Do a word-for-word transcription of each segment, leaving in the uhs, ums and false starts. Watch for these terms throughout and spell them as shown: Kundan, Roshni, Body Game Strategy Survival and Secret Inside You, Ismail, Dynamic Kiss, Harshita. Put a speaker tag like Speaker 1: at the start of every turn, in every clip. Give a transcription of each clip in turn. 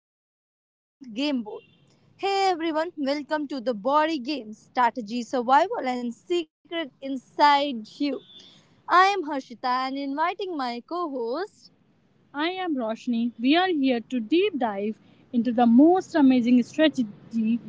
Speaker 1: your ultimate game board. Hey everyone, welcome to the Body Game Strategy Survival and Secret Inside You. I am Harshita and inviting my co host. I am Roshni. We are here to deep dive into the most amazing strategy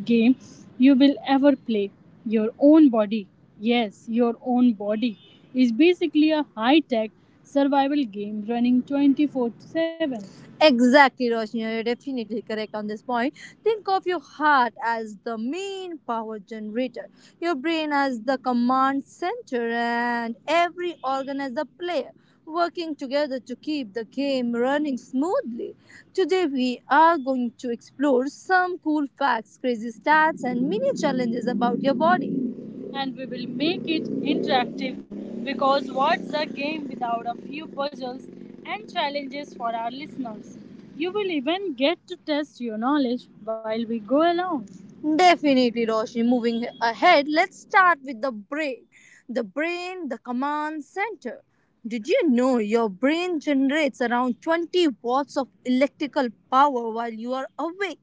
Speaker 1: game you will ever play. Your own body. Yes, your own body is basically a high tech survival game running twenty four seven. Exactly, Roshni. You're definitely correct on this point. Think of your heart as the main power generator, your brain as the command center, and every organ as a player, working together to keep the game running smoothly. Today, we are going to explore some cool facts, crazy stats, and mini challenges about your body and we will make it interactive because what's a game without a few puzzles and challenges for our listeners? You will even get to test your knowledge while we go along. Definitely, Roshni. Moving ahead, let's start with the brain. The brain, the command center. Did you know your brain generates around twenty watts of electrical power while you are awake?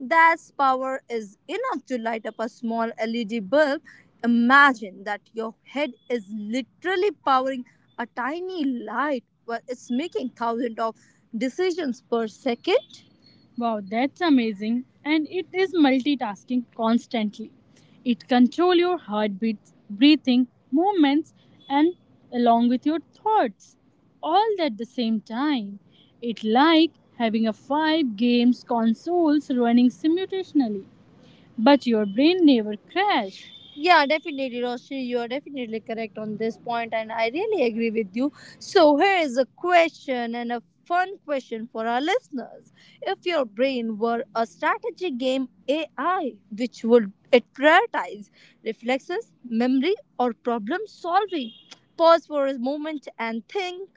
Speaker 1: That power is enough to light up a small L E D bulb. Imagine that your head is literally powering a tiny light while it's making thousands of decisions per second. Wow, that's amazing. And it is multitasking constantly. It control your heartbeats, breathing, movements and along with your thoughts all at the same time. It like having a five games consoles running simultaneously. But your brain never crashed. Yeah, definitely, Roshi. You are definitely correct on this point, and I really agree with you. So, here is a question and a fun question for our listeners. If your brain were a strategy game A I, which would it prioritize reflexes, memory, or problem solving? Pause for a moment and think.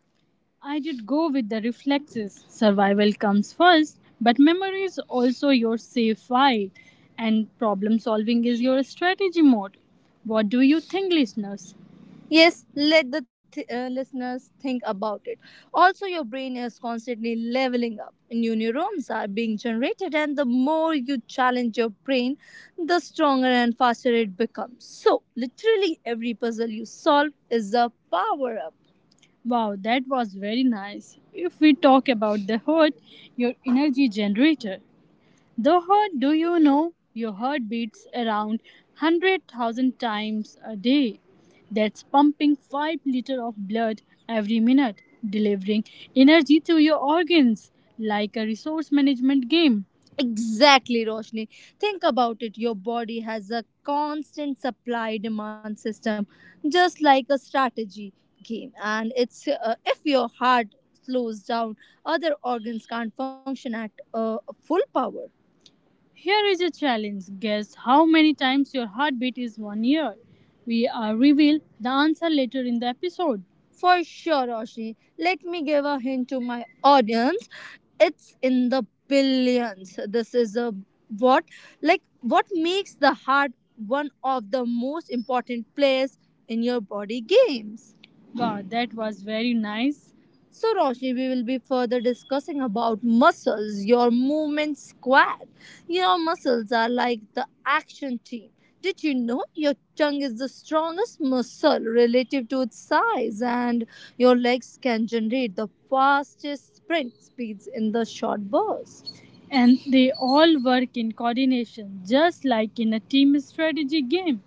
Speaker 1: I did go with the reflexes. Survival comes first, but memory is also your safe fight, and problem solving is your strategy mode. What do you think, listeners? Yes, let the th- uh, listeners think about it. Also, your brain is constantly leveling up. New neurons are being generated, and the more you challenge your brain, the stronger and faster it becomes. So, literally, every puzzle you solve is a power up. Wow, that was very nice. If we talk about the heart, your energy generator. The heart, do you know, your heart beats around one hundred thousand times a day. That's pumping five liters of blood every minute, delivering energy to your organs like a resource management game. Exactly, Roshni. Think about it. Your body has a constant supply demand system, just like a strategy game. And it's uh, if your heart slows down, other organs can't function at uh, full power. Here is a challenge. Guess how many times your heartbeat is one year. We are reveal the answer later in the episode. For sure, Roshni. Let me give a hint to my audience. It's in the billions. This is a what like what makes the heart one of the most important players in your body games. Wow, that was very nice. So, Roshni, we will be further discussing about muscles, your movement squad. Your muscles are like the action team. Did you know your tongue is the strongest muscle relative to its size, and your legs can generate the fastest sprint speeds in the short burst? And they all work in coordination just like in a team strategy game.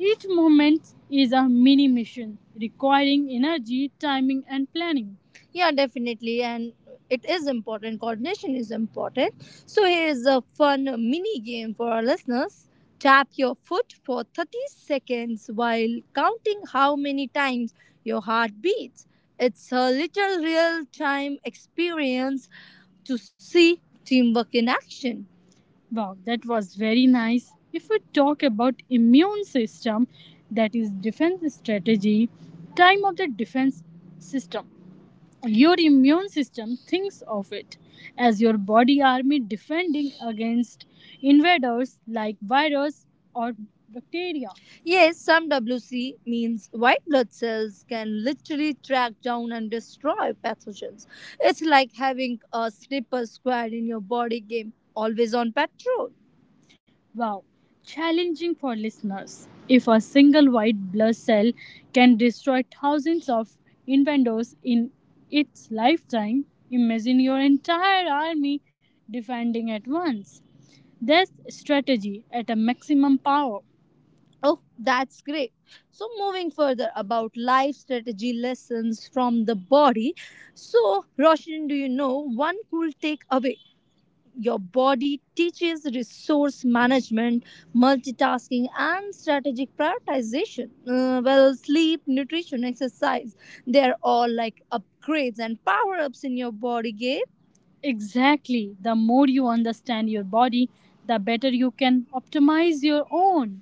Speaker 1: Each movement is a mini mission requiring energy, timing, and planning. Yeah, definitely. And it is important. Coordination is important. So here is a fun mini game for our listeners. Tap your foot for thirty seconds while counting how many times your heart beats. It's a little real time experience to see teamwork in action. Wow, that was very nice. If we talk about immune system, that is defense strategy, time of the defense system. Your immune system thinks of it as your body army defending against invaders like virus or bacteria. Yes, some W C means white blood cells can literally track down and destroy pathogens. It's like having a slipper squad in your body game, always on patrol. Wow, challenging for listeners. If a single white blood cell can destroy thousands of invaders in its lifetime, imagine your entire army defending at once. That's strategy at a maximum power. Oh, that's great. So, moving further about life strategy lessons from the body. So, Roshan, do you know one cool takeaway your body teaches resource management, multitasking, and strategic prioritization. Uh, well, sleep, nutrition, exercise, they're all like upgrades and power ups in your body game. Exactly. The more you understand your body, the better you can optimize your own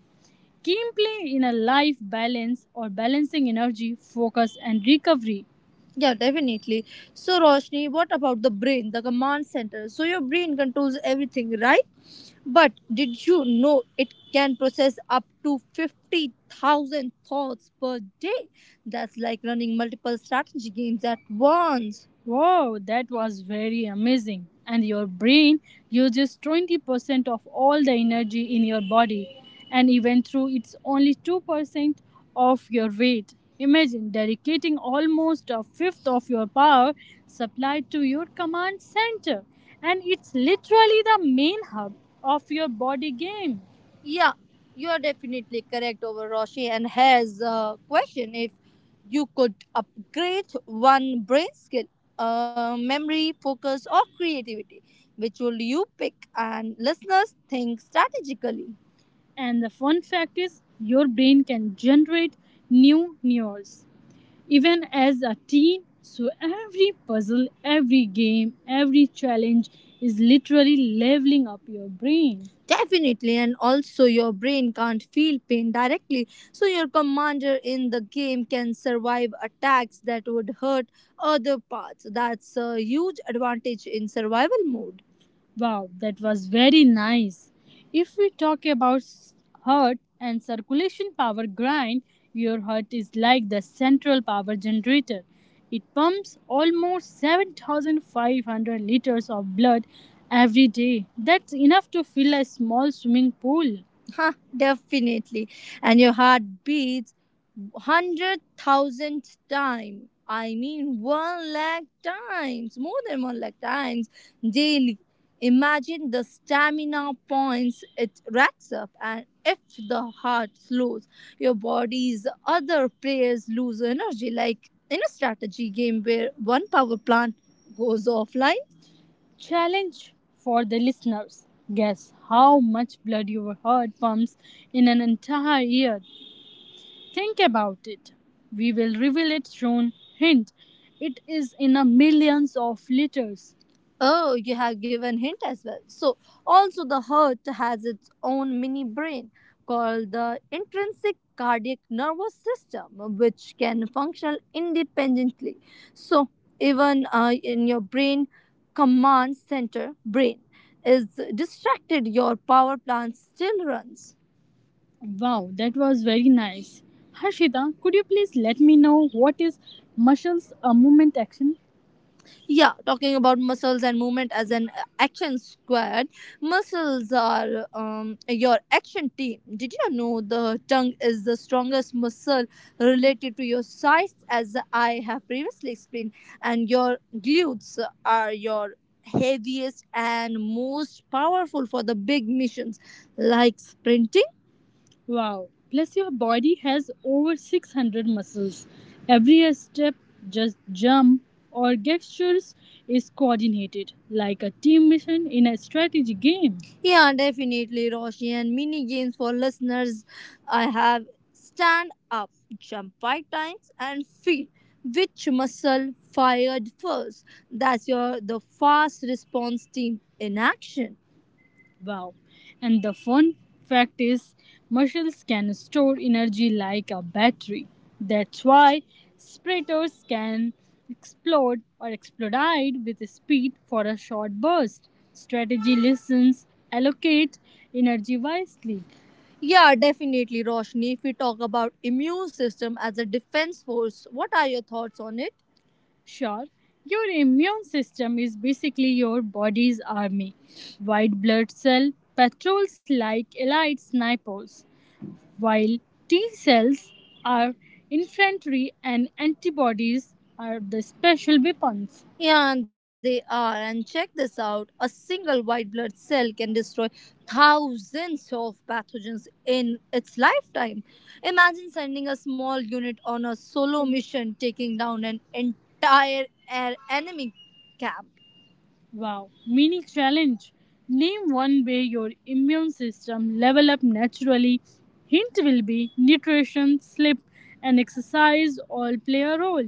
Speaker 1: gameplay in a life balance or balancing energy, focus, and recovery. Yeah, definitely. So, Roshni, what about the brain, the command center? So, your brain controls everything, right? But did you know it can process up to fifty thousand thoughts per day? That's like running multiple strategy games at once. Wow, that was very amazing. And your brain uses twenty percent of all the energy in your body, and even though it's only two percent of your weight. Imagine dedicating almost a fifth of your power supply to your command center, and it's literally the main hub of your body game. Yeah, you are definitely correct over Roshi and has a question if you could upgrade one brain skill, uh, memory, focus, or creativity, which will you pick? And listeners think strategically. And the fun fact is, your brain can generate new neurons even as a teen. So every puzzle, every game, every challenge is literally leveling up your brain. Definitely, and also your brain can't feel pain directly, so your commander in the game can survive attacks that would hurt other parts. That's a huge advantage in survival mode. Wow, that was very nice. If we talk about s- heart and circulation power grind, your heart is like the central power generator. It pumps almost seven thousand five hundred liters of blood every day. That's enough to fill a small swimming pool. Huh, definitely. And your heart beats one hundred thousand times. I mean, one lakh times, more than one lakh times daily. Imagine the stamina points it racks up, and if the heart slows, your body's other players lose energy, like in a strategy game where one power plant goes offline. Challenge for the listeners. Guess how much blood your heart pumps in an entire year? Think about it. We will reveal it soon. Hint. It is in a millions of liters. Oh, you have given hint as well. So also the heart has its own mini brain called the intrinsic cardiac nervous system which can function independently. So even uh, in your brain command center brain is distracted your power plant still runs. Wow, that was very nice. Harshita, could you please let me know what is muscles a movement action? Yeah, talking about muscles and movement as an uh, action squad muscles are um, your action team did you know the tongue is the strongest muscle related to your sides as I have previously explained and your glutes are your heaviest and most powerful for the big missions like sprinting. Wow. Plus, your body has over six hundred muscles. Every step, just jump, or gestures is coordinated, like a team mission in a strategy game. Yeah, definitely, Roshi. And mini games for listeners. I have stand up, jump five times, and feel which muscle fired first. That's your the fast response team in action. Wow. And the fun fact is, muscles can store energy like a battery. That's why spreaders can explode or explodite with speed for a short burst. Strategy listens, allocate energy wisely. Yeah, definitely, Roshni. If we talk about immune system as a defense force, what are your thoughts on it? Sure, your immune system is basically your body's army. White blood cell patrols like elite snipers while T cells are infantry and antibodies are the special weapons. Yeah, they are. And check this out a single white blood cell can destroy thousands of pathogens in its lifetime. Imagine sending a small unit on a solo mission, taking down an entire air enemy camp. Wow, mini challenge. Name one way your immune system level up naturally. Hint will be nutrition, sleep, and exercise all play a role.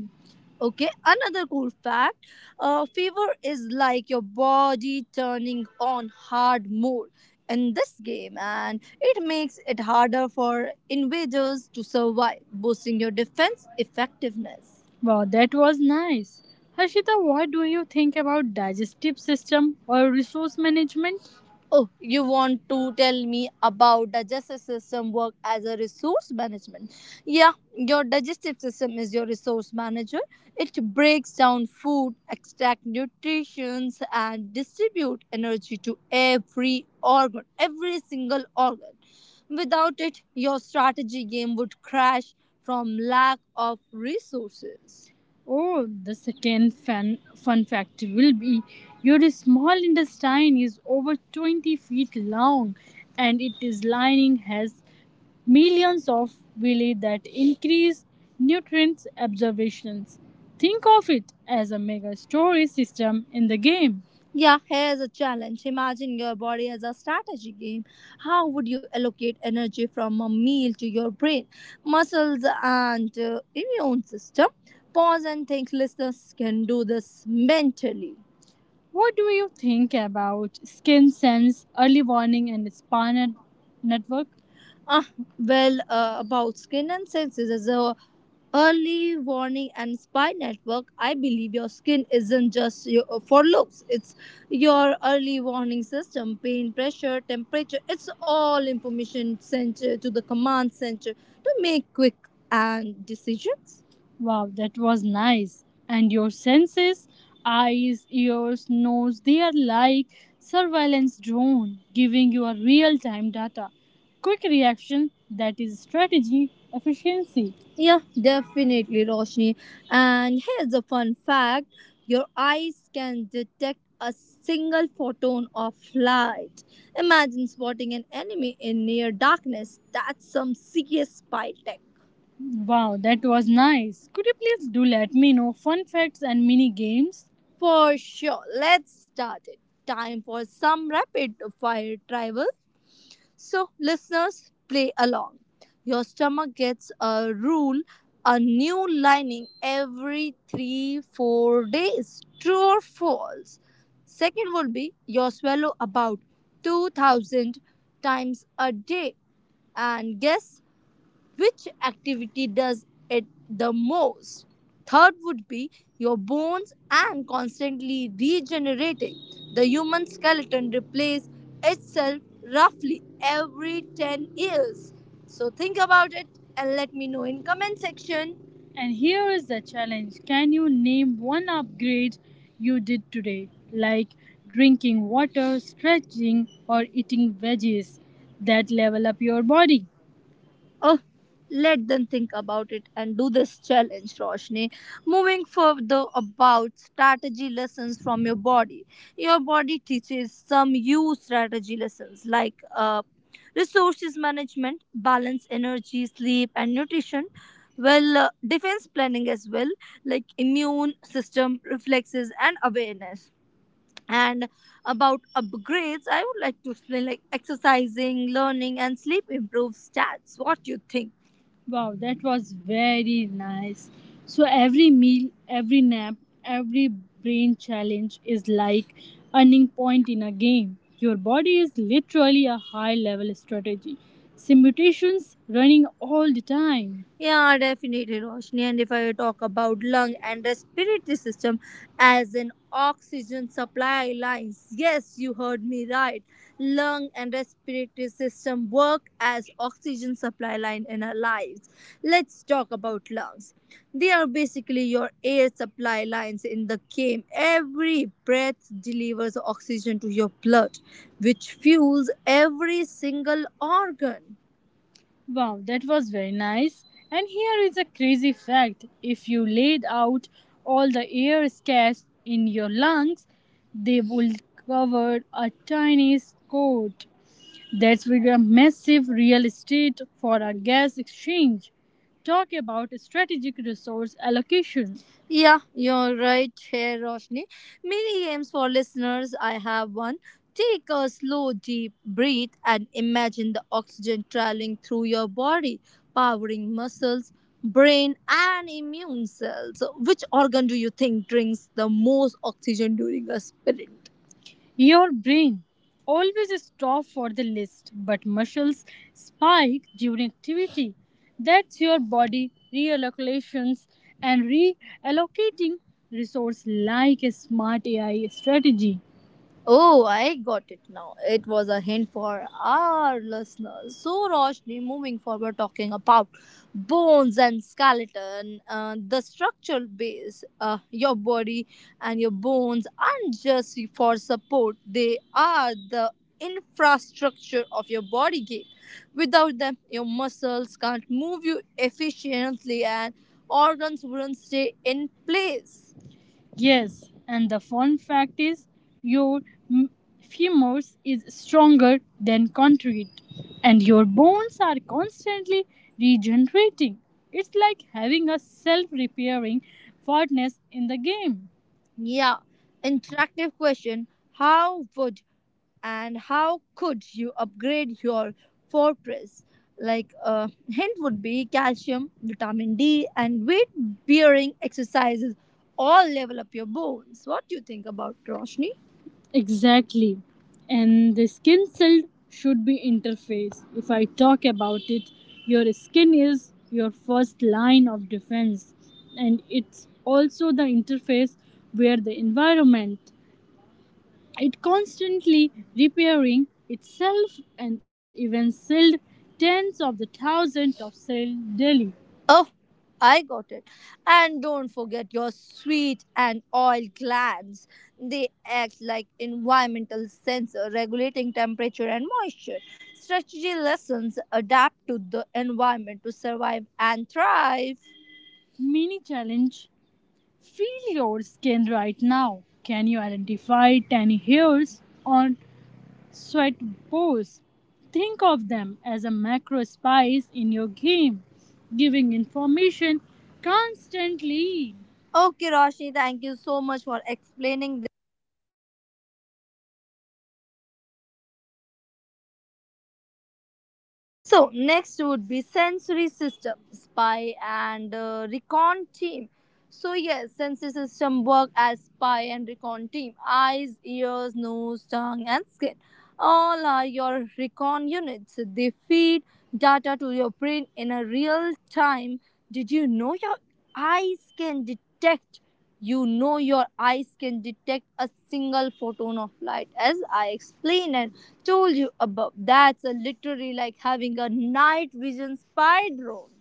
Speaker 1: Okay, another cool fact uh, fever is like your body turning on hard mode in this game, and it makes it harder for invaders to survive, boosting your defense effectiveness. Wow, that was nice. Harshita, what do you think about digestive system or resource management? Oh, you want to tell me about digestive system work as a resource management? Yeah, your digestive system is your resource manager. It breaks down food, extract nutrients, and distribute energy to every organ, every single organ. Without it, your strategy game would crash from lack of resources. Oh, the second fun, fun fact will be your small intestine is over twenty feet long and its lining has millions of villi that increase nutrients absorptions. Think of it as a mega storage system in the game. Yeah, here's a challenge. Imagine your body as a strategy game. How would you allocate energy from a meal to your brain, muscles, and uh, immune system? Pause and think listeners can do this mentally. What do you think about Skin Sense, Early Warning, and Spa Net- Network? Ah, well, uh, about skin and sex is a early warning and spy network. I believe your skin isn't just your, for looks; it's your early warning system. Pain, pressure, temperature—it's all information sent uh, to the command center to make quick and decisions. Wow, that was nice. And your senses? Eyes, ears, nose, they are like surveillance drone giving you a real-time data. Quick reaction, that is strategy, efficiency. Yeah, definitely, Roshni. And here's a fun fact, your eyes can detect a single photon of light. Imagine spotting an enemy in near darkness. That's some serious spy tech. Wow, that was nice. Could you please do let me know fun facts and mini games? For sure. Let's start it. Time for some rapid fire tribal. So, listeners, play along. Your stomach gets a rule, a new lining every three, four days. True or false? Second would be your swallow about two thousand times a day. And guess which activity does it the most? Third would be your bones and constantly regenerating. The human skeleton replaces itself roughly every ten years. So think about it and let me know in comment section. And here is the challenge. Can you name one upgrade you did today, like drinking water, stretching, or eating veggies that level up your body? Oh, let them think about it and do this challenge, Roshni. Moving further about strategy lessons from your body. Your body teaches some you strategy lessons like uh, resources management, balance, energy, sleep, and nutrition. Well, uh, defense planning as well, like immune system, reflexes, and awareness. And about upgrades, I would like to explain like exercising, learning, and sleep improves stats. What do you think? Wow, that was very nice. So every meal, every nap, every brain challenge is like earning point in a game. Your body is literally a high level strategy. Simulations running all the time. Yeah, definitely, Roshni. And if I talk about lung and respiratory system as an oxygen supply lines, yes, you heard me right, lung and respiratory system work as oxygen supply line in our lives. Let's talk about lungs. They are basically your air supply lines in the game. Every breath delivers oxygen to your blood, which fuels every single organ. Wow, that was very nice. And here is a crazy fact. If you laid out all the air escapes in your lungs, they will cover a tiny coat, that's with a massive real estate for a gas exchange. Talk about strategic resource allocation. Yeah, you're right here, Roshni. Mini games for listeners. I have one. Take a slow, deep breath and imagine the oxygen traveling through your body, powering muscles, brain, and immune cells. Which organ do you think drinks the most oxygen during a sprint? Your brain always stops for the list, but muscles spike during activity. That's your body reallocations and reallocating resource like a smart A I strategy. Oh, I got it now. It was a hint for our listeners. So, Roshni, moving forward, talking about bones and skeleton, uh, the structural base, uh, your body and your bones aren't just for support, they are the infrastructure of your body game. Without them, your muscles can't move you efficiently and organs wouldn't stay in place. Yes, and the fun fact is your m- femurs is stronger than concrete and your bones are constantly regenerating. It's like having a self-repairing furnace in the game. Yeah, interactive question. How would and how could you upgrade your fortress, like a hint would be calcium vitamin d and weight bearing exercises all level up your bones. What do you think about Roshni? Exactly. And the skin cell should be interface. If I talk about it, your skin is your first line of defense and it's also the interface where the environment it constantly repairing itself and even sealed tens of the thousands of cells daily. Oh, I got it. And don't forget your sweet and oil glands. They act like environmental sensor regulating temperature and moisture. Strategy lessons adapt to the environment to survive and thrive. Mini challenge. Feel your skin right now. Can you identify tiny hairs on sweat pores? Think of them as a macro spice in your game, giving information constantly. Okay, Roshni, thank you so much for explaining. So next would be sensory system, spy and uh, recon team. So yes, sensory system work as spy and recon team. Eyes, ears, nose, tongue, and skin. All are your recon units. They feed data to your brain in a real time. Did you know your eyes can detect You know your eyes can detect a single photon of light as I explained and told you above. That's a literally like having a night vision spy drone.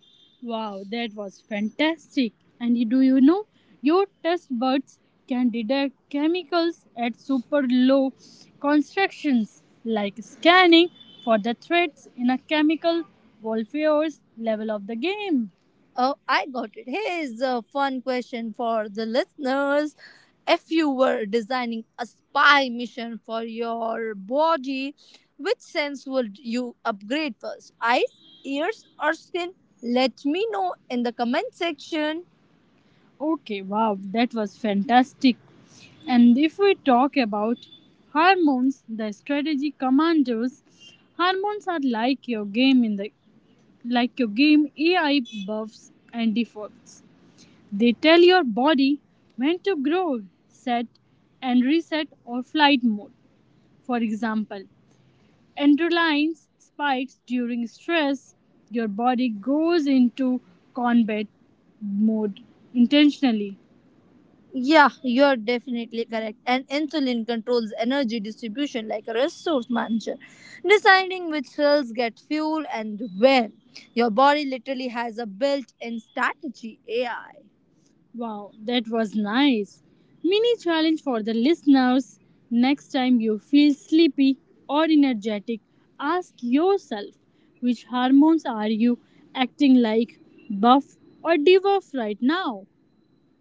Speaker 1: Wow, that was fantastic. And do you know your test buds can detect chemicals at super low concentrations, like scanning for the threats in a chemical warfare's level of the game. Oh, I got it. Here's a fun question for the listeners. If you were designing a spy mission for your body, which sense would you upgrade first? Eyes, ears, or skin? Let me know in the comment section. Okay, wow, that was fantastic. And if we talk about hormones, the strategy commanders, hormones are like your game in the like your game A I buffs and defaults. They tell your body when to grow, set, and reset or flight mode. For example, adrenaline spikes during stress, your body goes into combat mode intentionally. Yeah, you're definitely correct. And insulin controls energy distribution like a resource manager, deciding which cells get fuel and when. Your body literally has a built in strategy A I. Wow, that was nice. Mini challenge for the listeners. Next time you feel sleepy or energetic, ask yourself which hormones are you acting like buff or debuff right now?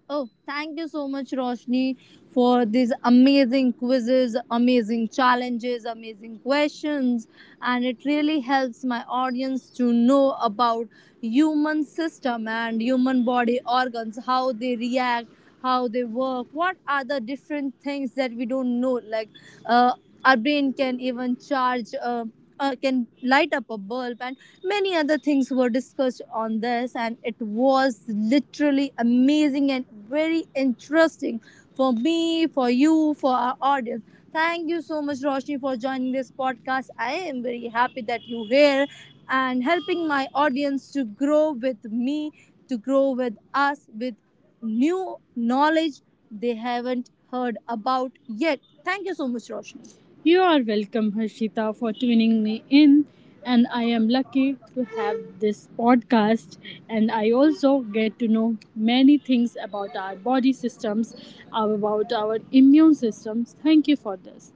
Speaker 1: Oh, thank you so much, Roshni, for these amazing quizzes, amazing challenges, amazing questions. And it really helps my audience to know about human system and human body organs, how they react, how they work, what are the different things that we don't know. Like uh, our brain can even charge, uh, uh, can light up a bulb, and many other things were discussed on this. And it was literally amazing and very interesting for me, for you, for our audience. Thank you so much, Roshni, for joining this podcast. I am very happy that you're here and helping my audience to grow with me, to grow with us, with new knowledge they haven't heard about yet. Thank you so much, Roshni. You are welcome, Harshita, for tuning me in. And I am lucky to have this podcast. And I also get to know many things about our body systems, about our immune systems. Thank you for this.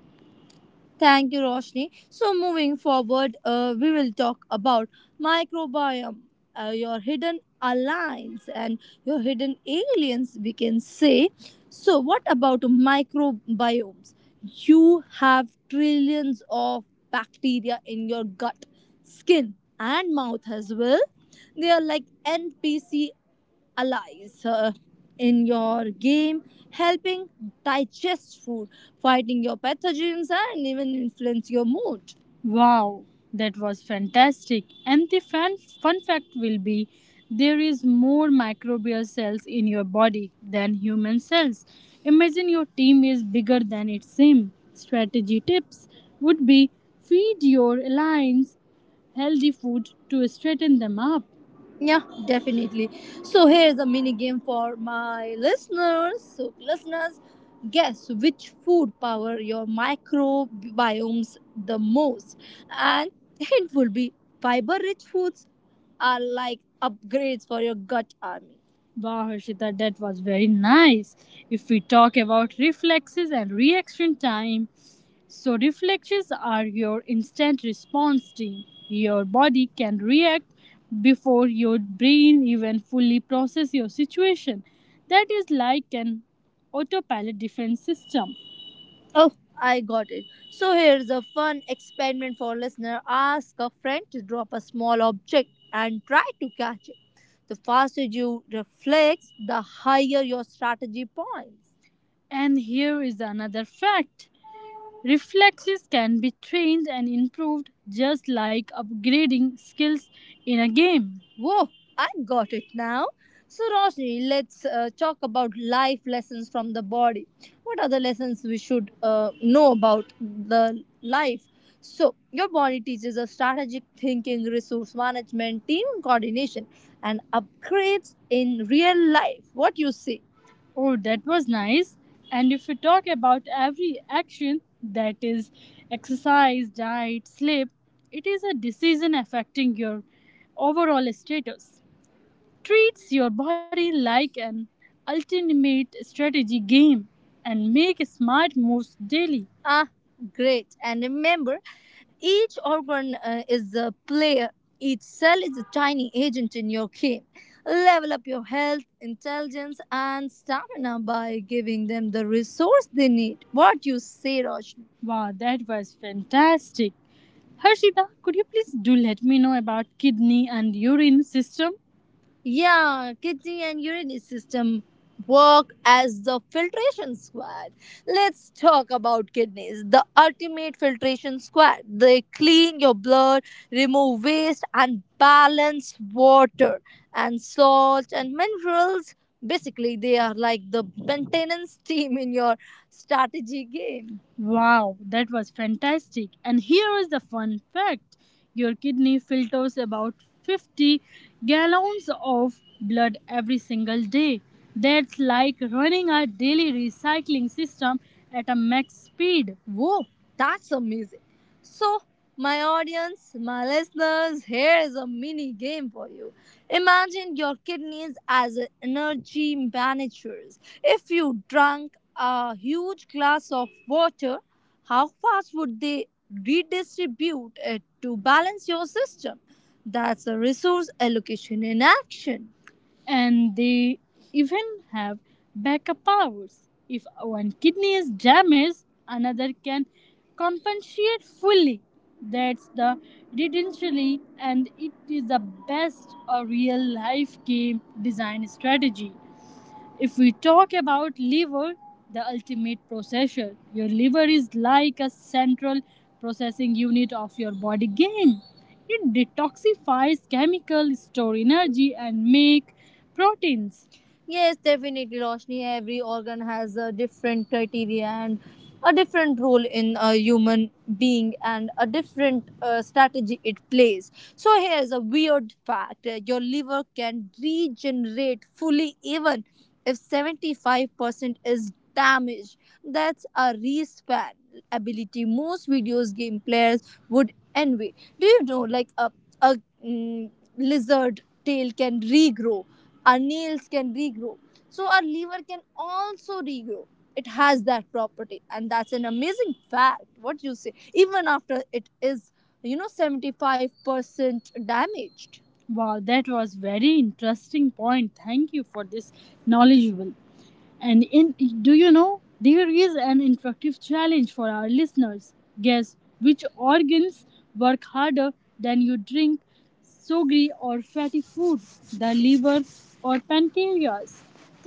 Speaker 1: Thank you, Roshni. So, moving forward, uh, we will talk about microbiome, uh, your hidden alliance, and your hidden aliens, we can say. So, what about microbiomes? You have trillions of bacteria in your gut, skin, and mouth as well. They are like N P C allies uh, in your game, helping digest food, fighting your pathogens, and even influence your mood. Wow, that was fantastic. And the fun, fun fact will be there is more microbial cells in your body than human cells. Imagine your team is bigger than it seems. Strategy tips would be feed your allies healthy food to straighten them up. Yeah, definitely. So here's a mini game for my listeners. So listeners, guess which food power your microbiomes the most. And hint will be fiber rich foods are like upgrades for your gut army. Wow, Harshita, that was very nice. If we talk about reflexes and reaction time, so reflexes are your instant response time. Your body can react before your brain even fully process your situation. That is like an autopilot defense system. Oh, I got it. So here's a fun experiment for listener. Ask a friend to drop a small object and try to catch it. The faster you reflex, the higher your strategy points. And here is another fact. Reflexes can be trained and improved just like upgrading skills in a game. Whoa, I got it now. So, Roshni, let's uh, talk about life lessons from the body. What are the lessons we should uh, know about the life? So, your body teaches us strategic thinking, resource management, team coordination, and upgrades in real life. What you say? Oh, that was nice. And if we talk about every action, that is exercise, diet, sleep, it is a decision affecting your overall status, treats your body like an ultimate strategy game and make smart moves daily. Ah, great. And remember, each organ uh, is a player, each cell is a tiny agent in your game. Level up your health, intelligence, and stamina by giving them the resource they need. What you say, Roshni? Wow, that was fantastic. Harshita, could you please do let me know about kidney and urine system? Yeah, kidney and urinary system work as the filtration squad. Let's talk about kidneys, the ultimate filtration squad. They clean your blood, remove waste, and balance water and salts and minerals. Basically, they are like the maintenance team in your strategy game. Wow, that was fantastic. And here is the fun fact, your kidney filters about fifty gallons of blood every single day. That's like running a daily recycling system at a max speed. Whoa! That's amazing. So, my audience, my listeners, here is a mini game for you. Imagine your kidneys as a energy managers. If you drank a huge glass of water, how fast would they redistribute it to balance your system? That's a resource allocation in action. And they even have backup powers. If one kidney is damaged, another can compensate fully. That's the redentially, and it is the best a real life game design strategy. If we talk about liver, the ultimate processor, your liver is like a central processing unit of your body game. It detoxifies chemicals, store energy, and make proteins. Yes, definitely, Roshni. Every organ has a different criteria and a different role in a human being and a different uh, strategy it plays. So here's a weird fact. Uh, Your liver can regenerate fully even if seventy-five percent is damaged. That's a respan ability most videos game players would envy. Do you know like a, a mm, lizard tail can regrow, our nails can regrow. So our liver can also regrow. It has that property and that's an amazing fact. What you say even after it is you know seventy-five percent damaged. Wow, that was very interesting point. Thank you for this knowledgeable. And in, do you know there is an interactive challenge for our listeners. Guess which organs work harder than you drink sugary or fatty food, the liver or pancreas.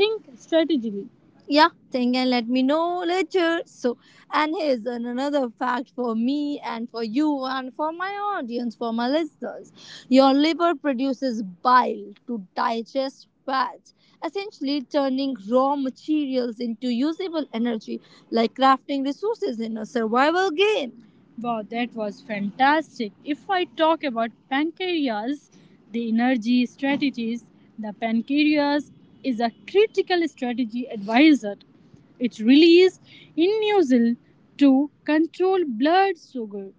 Speaker 1: Think strategically, yeah, think and let me know later. So and here's an- another fact for me and for you and for my audience for my listeners, your liver produces bile to digest fats, essentially turning raw materials into usable energy, like crafting resources in a survival game. Wow, that was fantastic. If I talk about pancreas, the energy strategies, the pancreas is a critical strategy advisor. It releases inulin to control blood sugar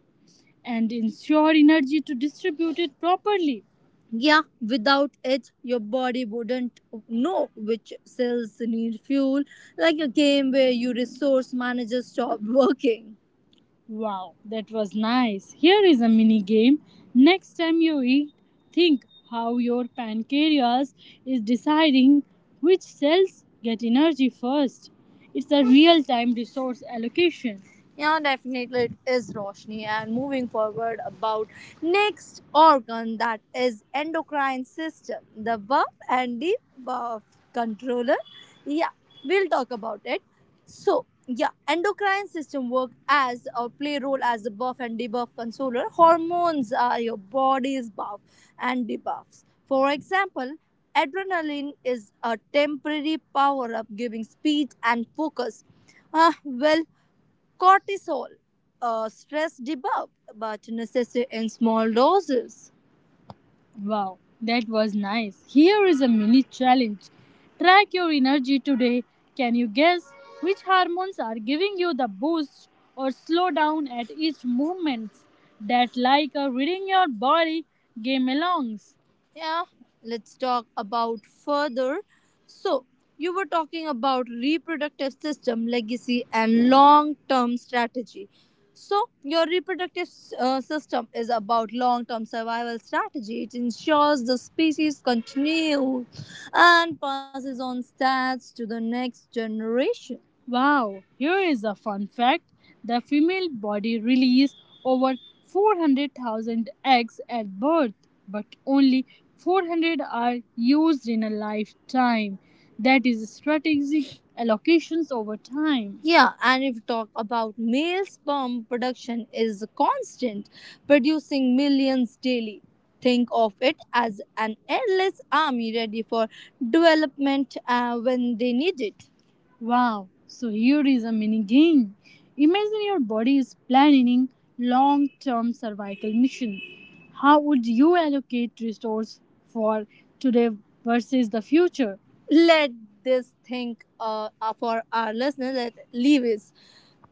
Speaker 1: and ensure energy to distribute it properly. Yeah, without it, your body wouldn't know which cells need fuel, like a game where your resource manager stopped working. Wow, that was nice. Here is a mini game. Next time you eat, think how your pancreas is deciding which cells get energy first. It's a real time resource allocation. Yeah, definitely it is, Roshni. And moving forward about next organ that is endocrine system, the B U F and the B U F controller. Yeah, we'll talk about it. So yeah, endocrine system work as or play role as a buff and debuff controller. Hormones are your body's buff and debuffs. For example, adrenaline is a temporary power up giving speed and focus. Ah, well, cortisol, a stress debuff, but necessary in small doses. Wow, that was nice. Here is a mini challenge. Track your energy today. Can you guess which hormones are giving you the boost or slow down at each movement? That like a reading your body game alongs. Yeah, let's talk about further. So, you were talking about reproductive system legacy and long-term strategy. So, your reproductive uh, system is about long term survival strategy. It ensures the species continues and passes on stats to the next generation. Wow, here is a fun fact. The female body releases over four hundred thousand eggs at birth, but only four hundred are used in a lifetime. That is strategic allocations over time. Yeah, and if you talk about male sperm production is constant, producing millions daily. Think of it as an endless army ready for development uh, when they need it. Wow, so here is a mini game. Imagine your body is planning long term survival mission. How would you allocate resources for today versus the future? Let this think uh, for our listeners that leave is.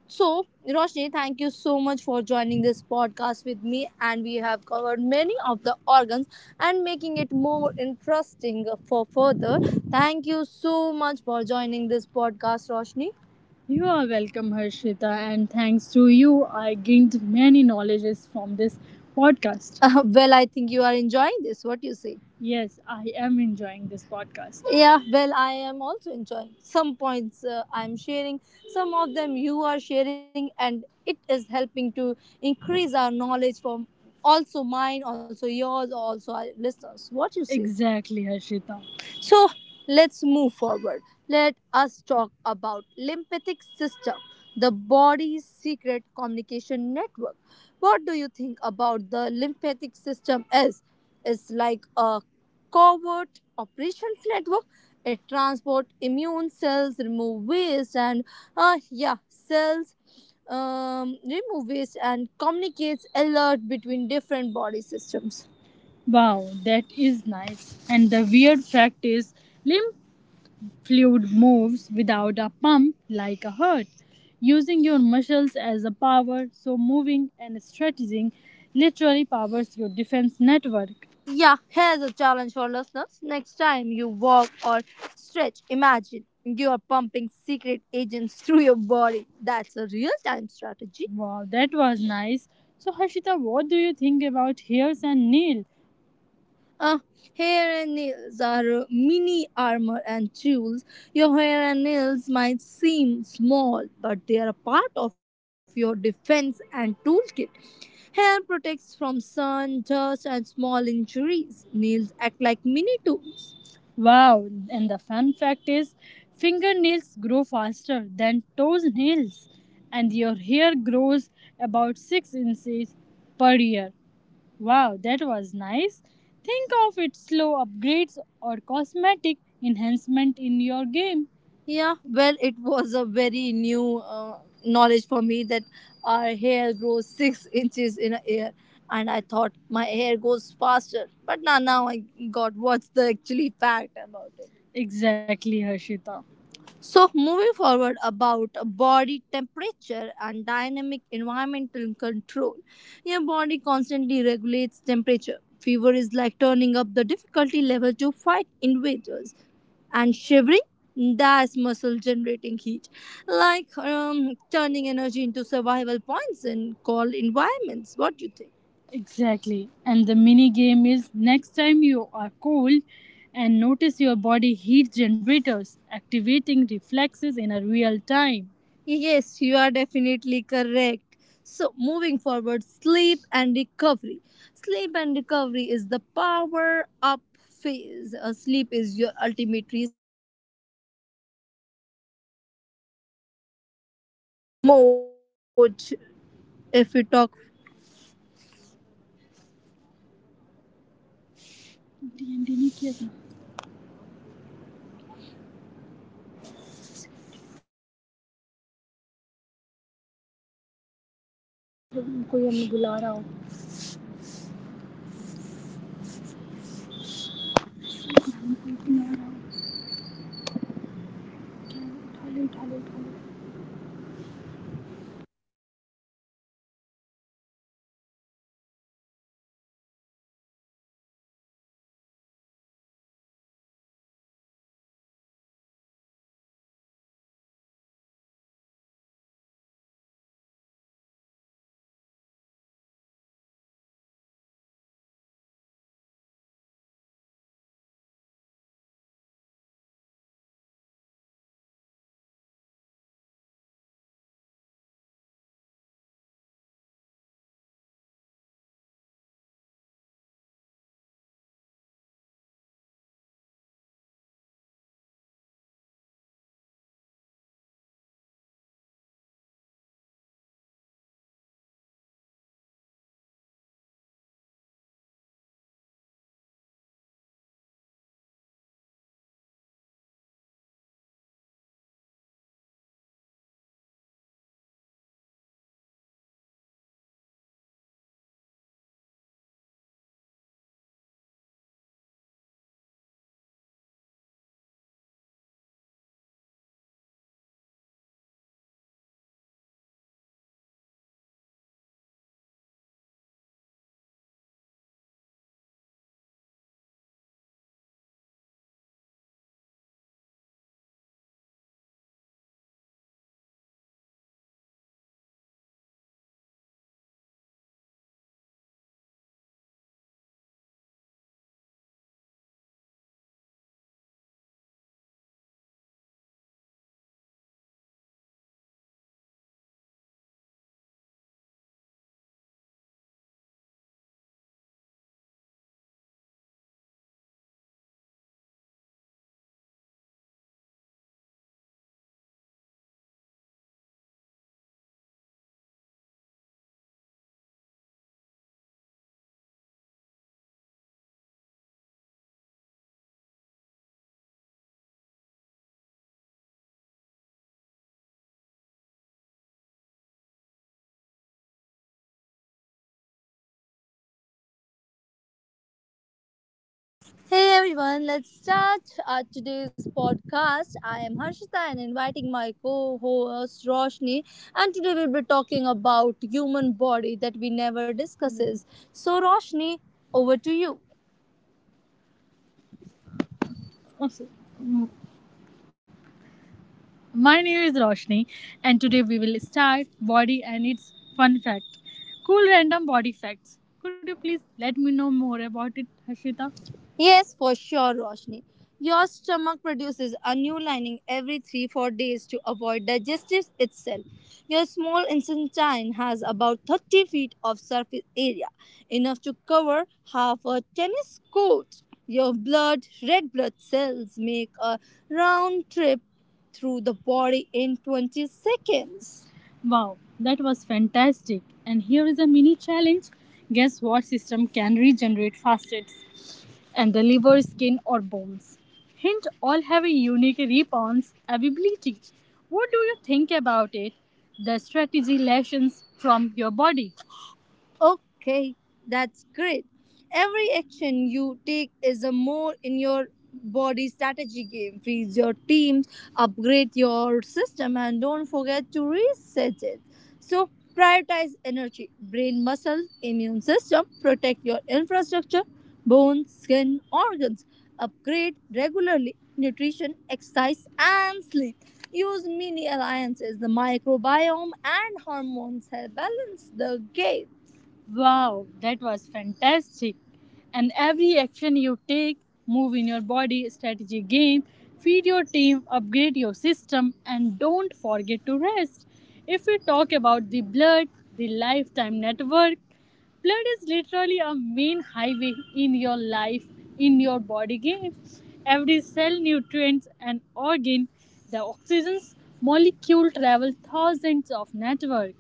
Speaker 1: So, Roshni, thank you so much for joining this podcast with me. And we have covered many of the organs and making it more interesting for further. Thank you so much for joining this podcast, Roshni. You are welcome, Harshita, and thanks to you, I gained many knowledges from this podcast. Uh, well, I think you are enjoying this. What do you say? Yes, I am enjoying this podcast. Yeah, well, I am also enjoying some points uh, I'm sharing, some of them you are sharing, and it is helping to increase our knowledge from also mine, also yours, also our listeners. What you say? Exactly, Harshita. So let's move forward. Let us talk about lymphatic system, the body's secret communication network. What do you think about the lymphatic system is? It's like a covert operations network. It transports immune cells, remove waste, and uh, yeah, cells um, remove waste and communicates alert between different body systems. Wow, that is nice. And the weird fact is, limb. Fluid moves without a pump like a heart, using your muscles as a power, so moving and stretching literally powers your defense network. Yeah, here's a challenge for listeners. Next time you walk or stretch, imagine you are pumping secret agents through your body. That's a real time strategy. Wow, that was nice. So, Harshita, what do you think about heels and kneel? Ah, hair and nails are mini armor and jewels. Your hair and nails might seem small, but they are a part of your defense and toolkit. Hair protects from sun, dust, and small injuries. Nails act like mini tools. Wow, and the fun fact is, fingernails grow faster than toes nails, and your hair grows about six inches per year. Wow, that was nice. Think of it slow upgrades or cosmetic enhancement in your game. Yeah, well, it was a very new uh, knowledge for me that our hair grows six inches in a year, and I thought my hair goes faster. But now, now I got what's the actually fact about it. Exactly, Harshita. So, moving forward about body temperature and dynamic environmental control, your body constantly regulates temperature. Fever is like turning up the difficulty level to fight invaders, and shivering, that's muscle generating heat, like um, turning energy into survival points in cold environments. What do you think? Exactly. And the mini game is next time you are cold and notice your body heat generators activating reflexes in a real time. Yes, you are definitely correct. So, moving forward, sleep and recovery. Sleep and recovery is the power up phase. Uh, sleep is your ultimate
Speaker 2: If we talk Indi-Nikja það
Speaker 3: कोई हमें बुला रहा हो उठा लो उठा लो उठा लो Hey everyone, let's start uh, today's podcast. I am Harshita and inviting my co-host Roshni and today we'll be talking about human body that we never discusses. So Roshni, over to you. Also, m- my name is Roshni, and today we will start body and its fun fact. Cool random body facts. Could you please let me know more about it, Harshita? Yes, for sure, Roshni. Your stomach produces a new lining every three four days to avoid digestive itself. Your small intestine has about thirty feet of surface area, enough to cover half a tennis court. Your blood, red blood cells make a round trip through the body in twenty seconds. Wow, that was fantastic. And here is a mini challenge. Guess what system can regenerate fastest? And the liver, skin, or bones. Hint, all have a unique response ability. What do you think about it? The strategy lessons from your body. Okay, that's great. Every action you take is a more in your body strategy game. Feed your teams, upgrade your system, and don't forget to reset it. So, prioritize energy, brain, muscle, immune system, protect your infrastructure, bones, skin, organs, upgrade regularly, nutrition, exercise, and sleep. Use mini alliances, the microbiome and hormones help balance the game. Wow, that was fantastic. And every action you take, move in your body, strategy game, feed your team, upgrade your system, and don't forget to rest. If we talk about the blood, the lifetime network, blood is literally a main highway in your life, in your body game. Every cell, nutrients, and organ, the oxygen's molecule travel thousands of network,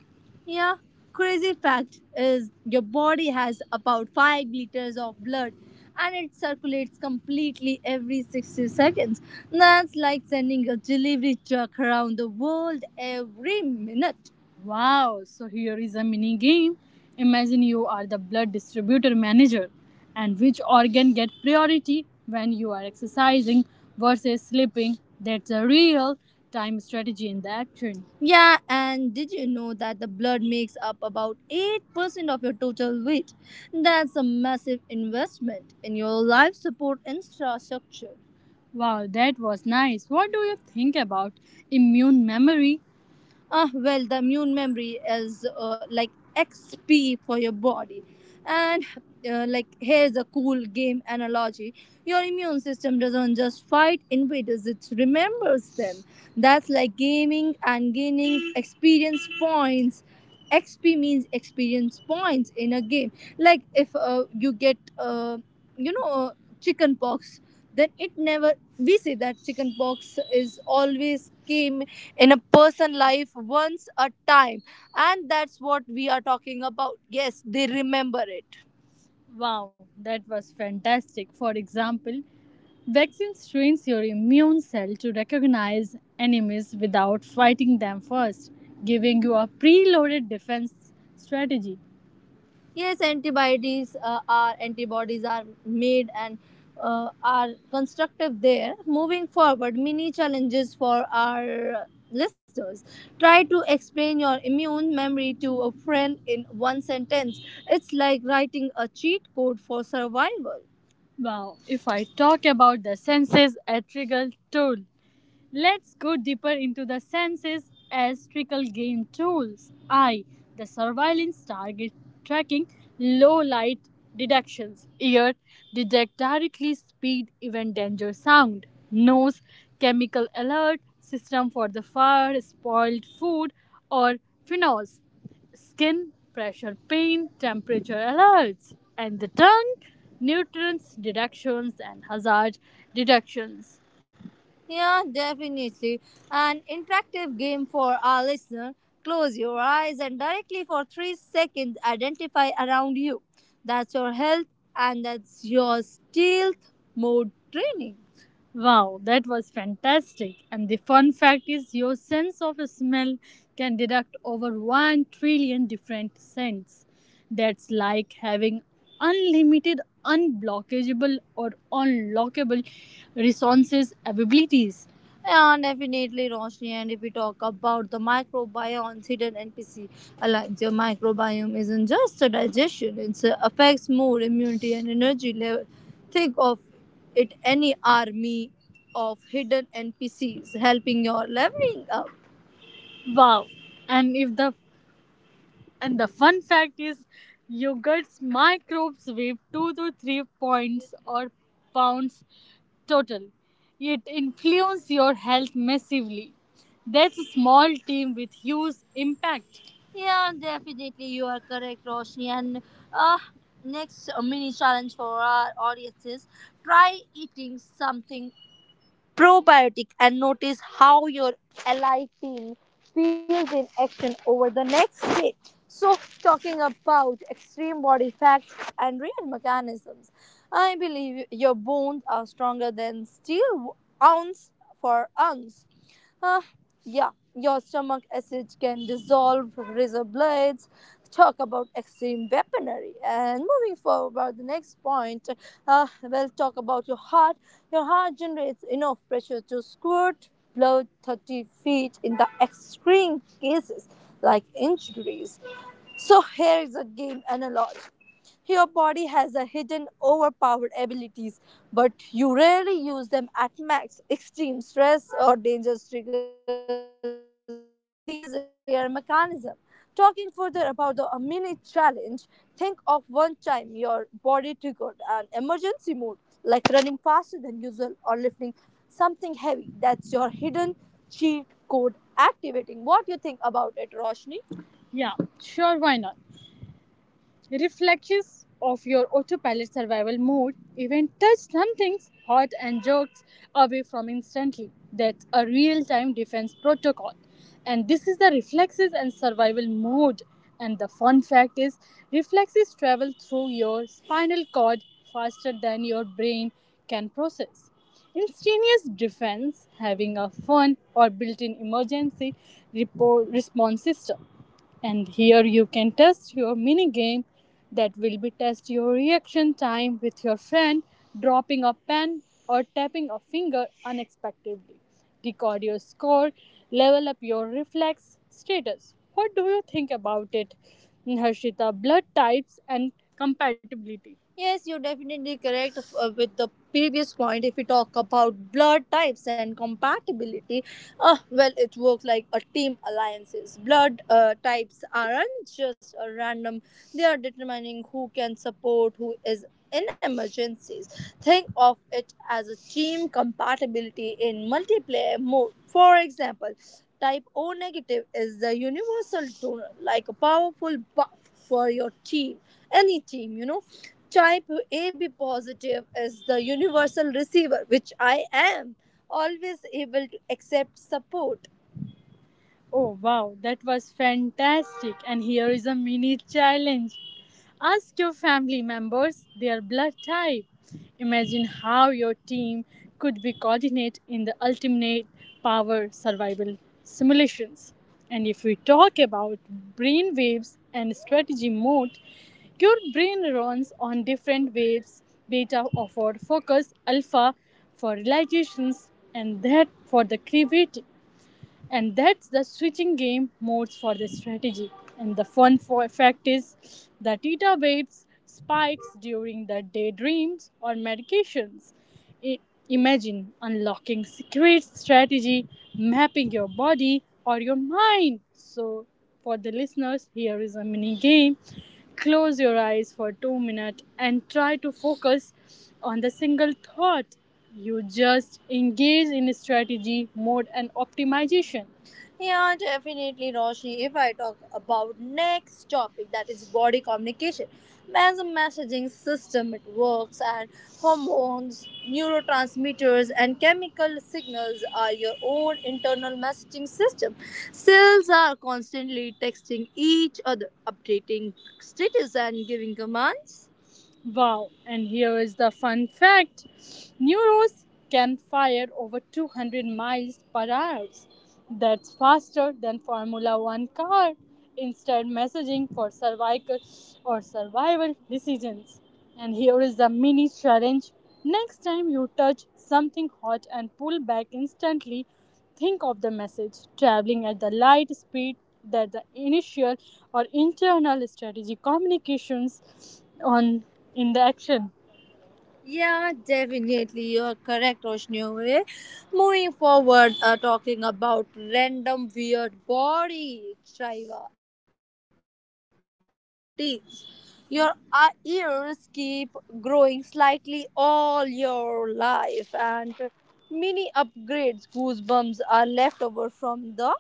Speaker 3: yeah, crazy fact is your body has about five liters of blood and it circulates completely every sixty seconds. That's like sending a delivery truck around the world every minute. Wow, so here is a mini game. Imagine you are the blood distributor manager and which organ get priority when you are exercising versus sleeping. That's a real time strategy in the action. Yeah, and did you know that the blood makes up about eight percent of your total weight? That's a massive investment in your life support infrastructure. Wow, that was nice. What do you think about immune memory? Ah, well, the immune memory is uh, like X P for your body. And uh, like, here's a cool game analogy, your immune system doesn't just fight invaders, it remembers them. That's like gaming and gaining experience points. X P means experience points in a game. Like, if uh, you get, uh, you know, uh, chicken pox, then never we say that chicken pox is always came in a person life once a time, and that's what we are talking about. Yes, they remember it. Wow, that was fantastic. For example, vaccines trains your immune cell to recognize enemies without fighting them first, giving you a preloaded defense strategy. Yes, antibodies uh, are antibodies are made and uh, are constructive there. Moving forward, mini challenges for our listeners. Try to explain your immune memory to a friend in one sentence. It's like writing a cheat code for survival. Wow, if I talk about the senses, a trigger tool. Let's go deeper into the senses as trickle game tools. Eye, the surveillance target tracking, low light deductions. Ear, detect directly speed, even danger sound. Nose, chemical alert system for the fire, spoiled food, or phenols. Skin, pressure, pain, temperature alerts. And the tongue, nutrients deductions and hazard deductions. Yeah, definitely. An interactive game for our listener. Close your eyes and directly for three seconds identify around you. That's your health and that's your stealth mode training. Wow, that was fantastic. And the fun fact is, your sense of smell can detect over one trillion different scents. That's like having unlimited, unblockageable, or unlockable resources abilities. Yeah, definitely, Roshni. And if we talk about the microbiome, hidden N P C, like your microbiome isn't just a digestion; it affects mood, immunity, and energy level. Think of it any army of hidden N P Cs helping your leveling up. Wow. And if the and the fun fact is yogurt's microbes weigh two to three points or pounds total. It influences your health massively. That's a small team with huge impact. Yeah, definitely, you are correct, Roshni. And uh, next mini challenge for our audience is try eating something probiotic and notice how your ally team feels in action over the next day. So, talking about extreme body facts and real mechanisms, I believe your bones are stronger than steel ounce for ounce. Uh, yeah, your stomach acid can dissolve razor blades. Talk about extreme weaponry. And moving forward, the next point, uh, we'll talk about your heart. Your heart generates enough pressure to squirt blood thirty feet in the extreme cases like injuries. So here is a game analogy. Your body has a hidden overpowered abilities, but you rarely use them at max. Extreme stress or danger triggers these rare mechanisms. Talking further about the minute challenge, think of one time your body triggered an emergency mode, like running faster than usual or lifting something heavy. That's your hidden cheat code activating. What do you think about it, Roshni? Yeah, sure, why not? Reflections of your autopilot survival mode, even touch some things hot and jerked away from instantly. That's a real time defense protocol. And this is the reflexes and survival mode. And the fun fact is, reflexes travel through your spinal cord faster than your brain can process. Instantaneous defense having a fun or built in emergency repo- response system. And here you can test your mini game that will be test your reaction time with your friend, dropping a pen or tapping a finger unexpectedly. Record your score, level up your reflex status. What do you think about it, harshita? Blood types and compatibility. Yes, you're definitely correct uh, with the previous point. If we talk about blood types and compatibility, uh, well, it works like a team alliances. Blood uh, types aren't just a random; they are determining who can support who is in emergencies. Think of it as a team compatibility in multiplayer mode. For example, type O negative is the universal donor, like a powerful buff for your team, any team, you know, type A B positive is the universal receiver, which I am, always able to accept support. Oh wow, that was fantastic. And here is a mini challenge. Ask your family members their blood type. Imagine how your team could be coordinated in the ultimate power survival simulations. And if we talk about brain waves and strategy mode, your brain runs on different waves, beta for focus, alpha for realizations, and that for the creativity, and that's the switching game modes for the strategy. And the fun for fact is the theta waves spikes during the daydreams or medications. I- Imagine unlocking secret strategy, mapping your body or your mind. So for the listeners, here is a mini game. Close your eyes for two minutes and try to focus on the single thought. You just engage in strategy, mode and optimization. Yeah, definitely, Roshni. If I talk about next topic, that is body communication. As a messaging system, it works, and hormones, neurotransmitters, and chemical signals are your own internal messaging system. Cells are constantly texting each other, updating status, and giving commands. Wow, and here is the fun fact. Neuros can fire over two hundred miles per hour. That's faster than Formula One car. Instant messaging for cervical or survival decisions. And here is the mini challenge. Next time you touch something hot and pull back instantly, think of the message traveling at the light speed, that the initial or internal strategy communications on in the action. Yeah, definitely. You're correct, Roshniore. Moving forward, uh, talking about random weird body chiva for teens. Your uh, ears keep growing slightly all your life, and mini upgrades goosebumps are left over from the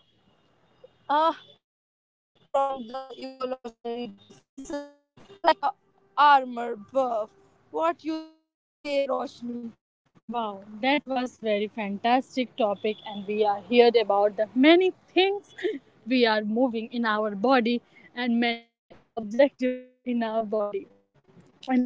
Speaker 3: uh, from the evolutionary defense system, like a armor buff. What you say, Roshni? Wow, that was very fantastic topic and we are heard about the many things we are moving in our body and many objectives in our body, and when we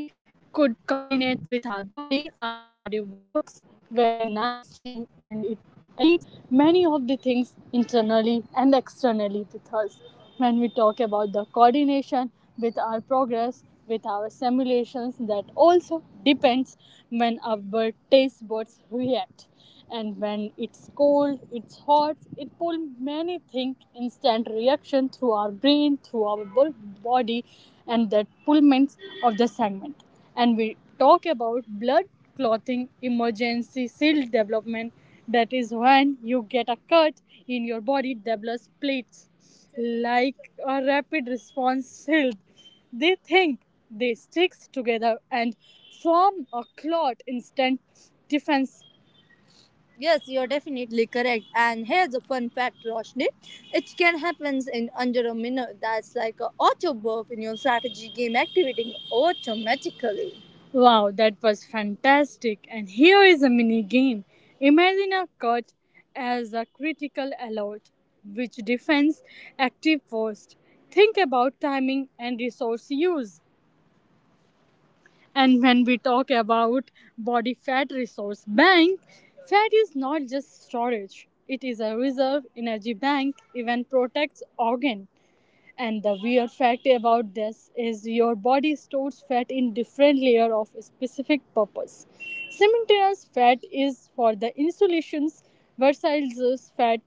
Speaker 3: could coordinate with our body our body works very nicely and it eliminates many of the things internally and externally with us. When we talk about the coordination with our progress with our simulations that also depends when our taste buds react, and when it's cold it's hot it pull many things instant reaction through our brain through our body, and that pullments of the segment. And we talk about blood clotting, emergency seal development, that is when you get a cut in your body develops plates like a rapid response shield, they think they stick together and form a instant defense. Yes, you're definitely correct. And here's a fun fact, Roshni. It can happen in under a minute. That's like an auto buff in your strategy game activating automatically. Wow, that was fantastic. And here is a mini game. Imagine a cut as a critical alert, which defense active first. Think about timing and resource use. And when we talk about body fat resource bank, fat is not just storage. It is a reserve energy bank, even protects organ. And the weird fact about this is your body stores fat in different layer of specific purpose. Cementous fat is for the insulations, versatile fat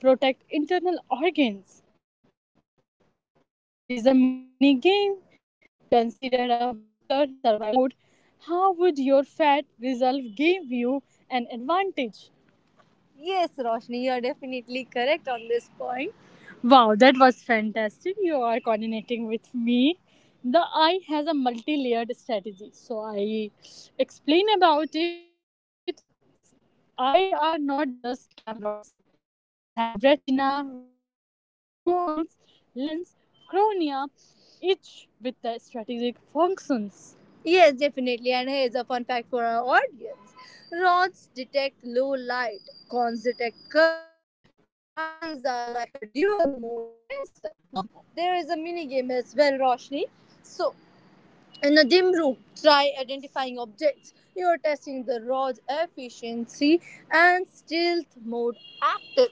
Speaker 3: protect internal organs. Here is a mini game. Consider a winter survival mode. How would your fat resolve give you an advantage? Yes, Roshni, you are definitely correct on this point. Wow, that was fantastic. You are coordinating with me. The eye has a multi layered strategy. So I explain about it. Eye are not just cameras. They have retina, rods, cones, lens, cornea, each with their strategic functions. Yes, definitely. And here's a fun fact for our audience. Rods detect low light, cones detect color. Your eyes are like a dual mode sensor. Oh, there is a mini game as well, Roshni. So, in a dim room, try identifying objects. You are testing the rod's efficiency and stealth mode active.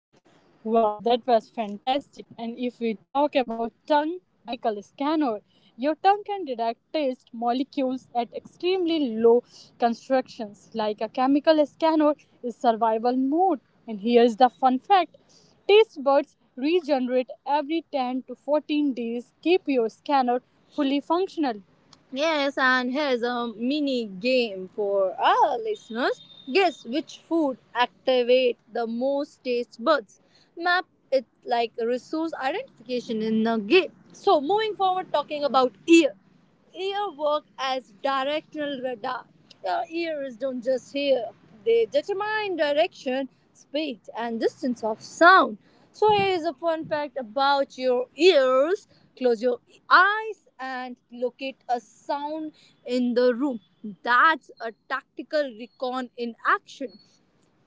Speaker 3: Wow, that was fantastic. And if we talk about tongue, the chemical scanner, your tongue can detect taste molecules at extremely low concentrations. Like a chemical scanner is survival mode. And here's the fun fact. Taste buds regenerate every ten to fourteen days. Keep your scanner fully functional. Yes, and here's a mini game for our listeners. Guess which food activates the most taste buds. Map it like a resource identification in the game. So moving forward, talking about ear. Ear work as directional radar. Your ears don't just hear, they determine direction, speed, and distance of sound. So, here is a fun fact about your ears. Close your eyes and locate a sound in the room. That's a tactical recon in action.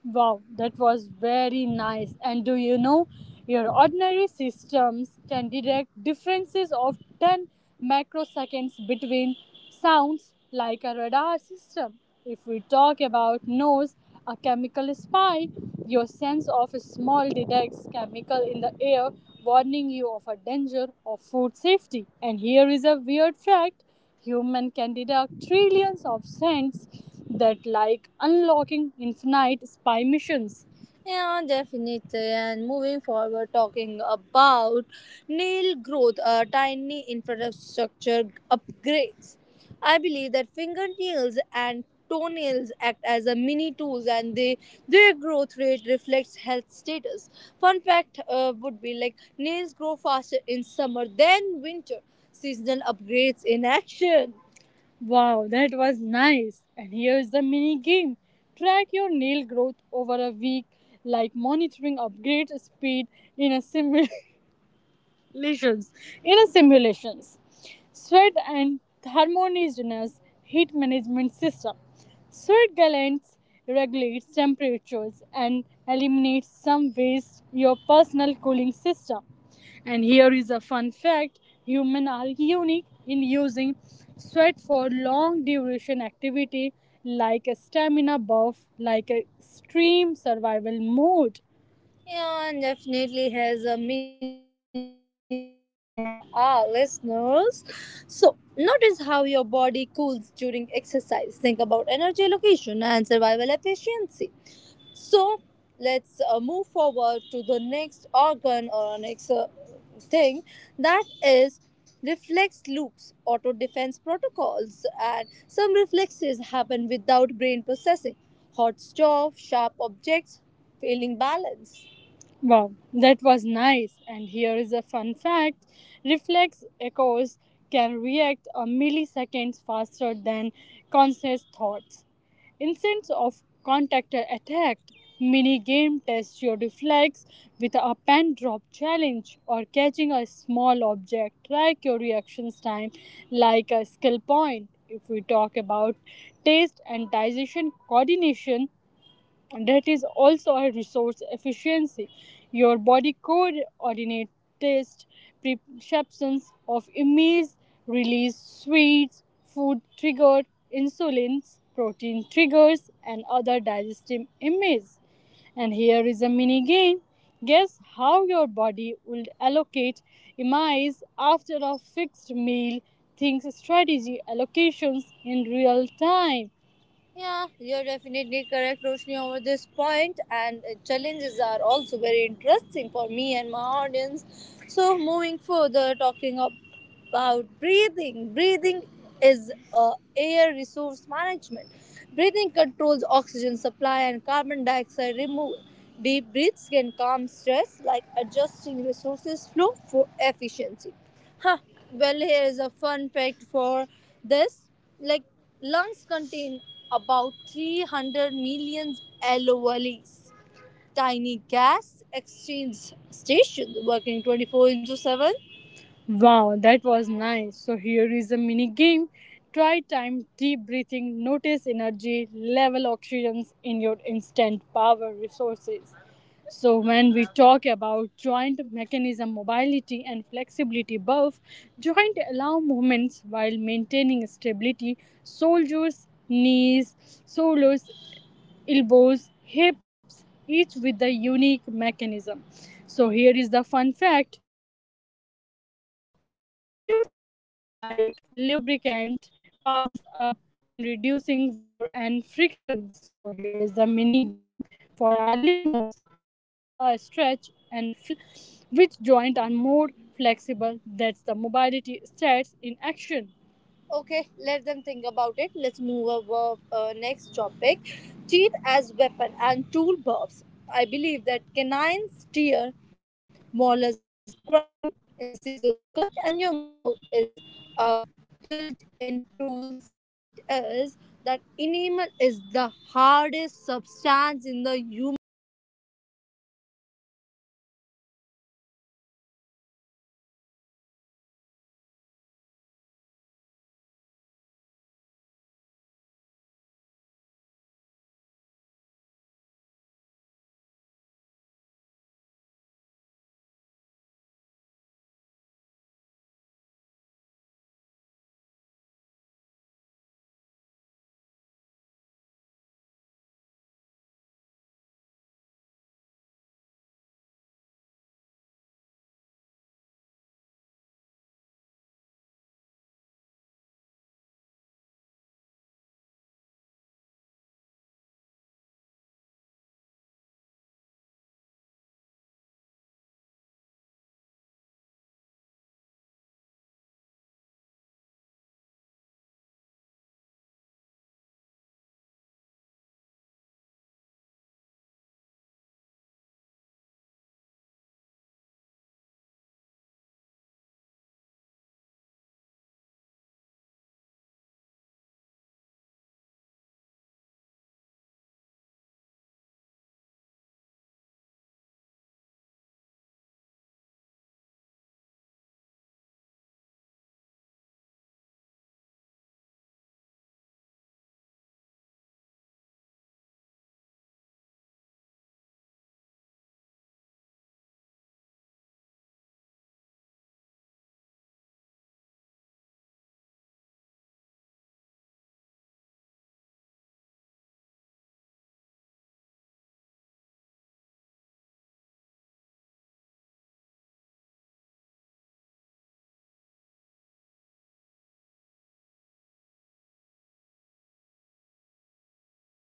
Speaker 3: Wow, that was very nice. And do you know your ordinary systems can detect differences of ten microseconds between sounds like a radar system? If we talk about nose, a chemical spy, your sense of smell detects chemical in the air, warning you of a danger of food safety. And here is a weird fact. Human can deduct trillions of cents that like unlocking infinite spy missions. Yeah, definitely. And moving forward, talking about nail growth, uh, tiny infrastructure upgrades. I believe that fingernails and toenails act as a mini tools, and they their growth rate reflects health status. Fun fact uh, would be like, nails grow faster in summer than winter. Seasonal upgrades in action. Wow, that was nice. And here's the mini game. Track your nail growth over a week, like monitoring upgrade speed in a similar lesions in a simulations. Sweat and thermogenesis, heat management system. Sweat glands regulates temperatures and eliminates some waste, your personal cooling system. And here is a fun fact. Humans are unique in using sweat for long duration activity, like a stamina buff, like a extreme survival mode. Yeah, and definitely has a mini game for our listeners. So, notice how your body cools during exercise. Think about energy allocation and survival efficiency. So, let's uh, move forward to the next organ or next uh, thing, that is reflex loops, auto defense protocols, and some reflexes happen without brain processing. Hot stove, sharp objects, failing balance. Wow, that was nice. And here is a fun fact. Reflex echoes can react a milliseconds faster than conscious thoughts. Instance of contactor attack. Mini game tests your reflex with a pen drop challenge or catching a small object. Track your reactions time like a skill point. If we talk about taste and digestion coordination, that is also a resource efficiency. Your body coordinates taste perceptions of image, release sweets, food triggered insulins, protein triggers, and other digestive images. And here is a mini game. Guess how your body will allocate images after a fixed meal. Think strategy allocations in real time. Yeah, you're definitely correct, Roshni, over this point, and uh, challenges are also very interesting for me and my audience. So, moving further, talking ab- about breathing. Breathing is uh, air resource management. Breathing controls oxygen supply and carbon dioxide removal. Deep breaths can calm stress, like adjusting resources flow for efficiency. Huh. Well, here is a fun fact for this. Like, lungs contain about three hundred million alveoli, tiny gas exchange stations working twenty four into seven. Wow, that was nice. So here is a mini game. Try time, deep breathing, notice energy, level oxygens in your instant power resources. So when we talk about joint mechanism mobility and flexibility buff, joint allow movements while maintaining stability. Soldiers, knees, shoulders, elbows, hips, each with a unique mechanism. So here is the fun fact. Fluids act like lubricant, powers up and reducing wear and frictions. So here is the mini game for our listeners. Test a stretch and feel which joint are more flexible. That's the mobility stats in action. Okay, let them think about it. Let's move over uh, next topic. Teeth as weapon and tool buffs. I believe that canines tear, molars grind, incisors cut, and your mouth is a built-in tool set. The fun fact is that enamel is the hardest substance in the human body, and your teeth are armament uh, weapons. Wow, that was fantastic. So here is a mini game. Notice how many types of teeth you use for a single meal. Resource efficiency check. And if we talk about eye momentum visual teeth targeting system, that is smooth pursuits and flexions. Let your eye track target efficiently. And here is the fun fact. Your eye makes three to five rapid movements per second, even while starting. And your visual systems is a self survival and the unit. And here is a mini connections between the tool, which is our flagship, that is mini track. Track a moving object, measure coordinations between eye and brain.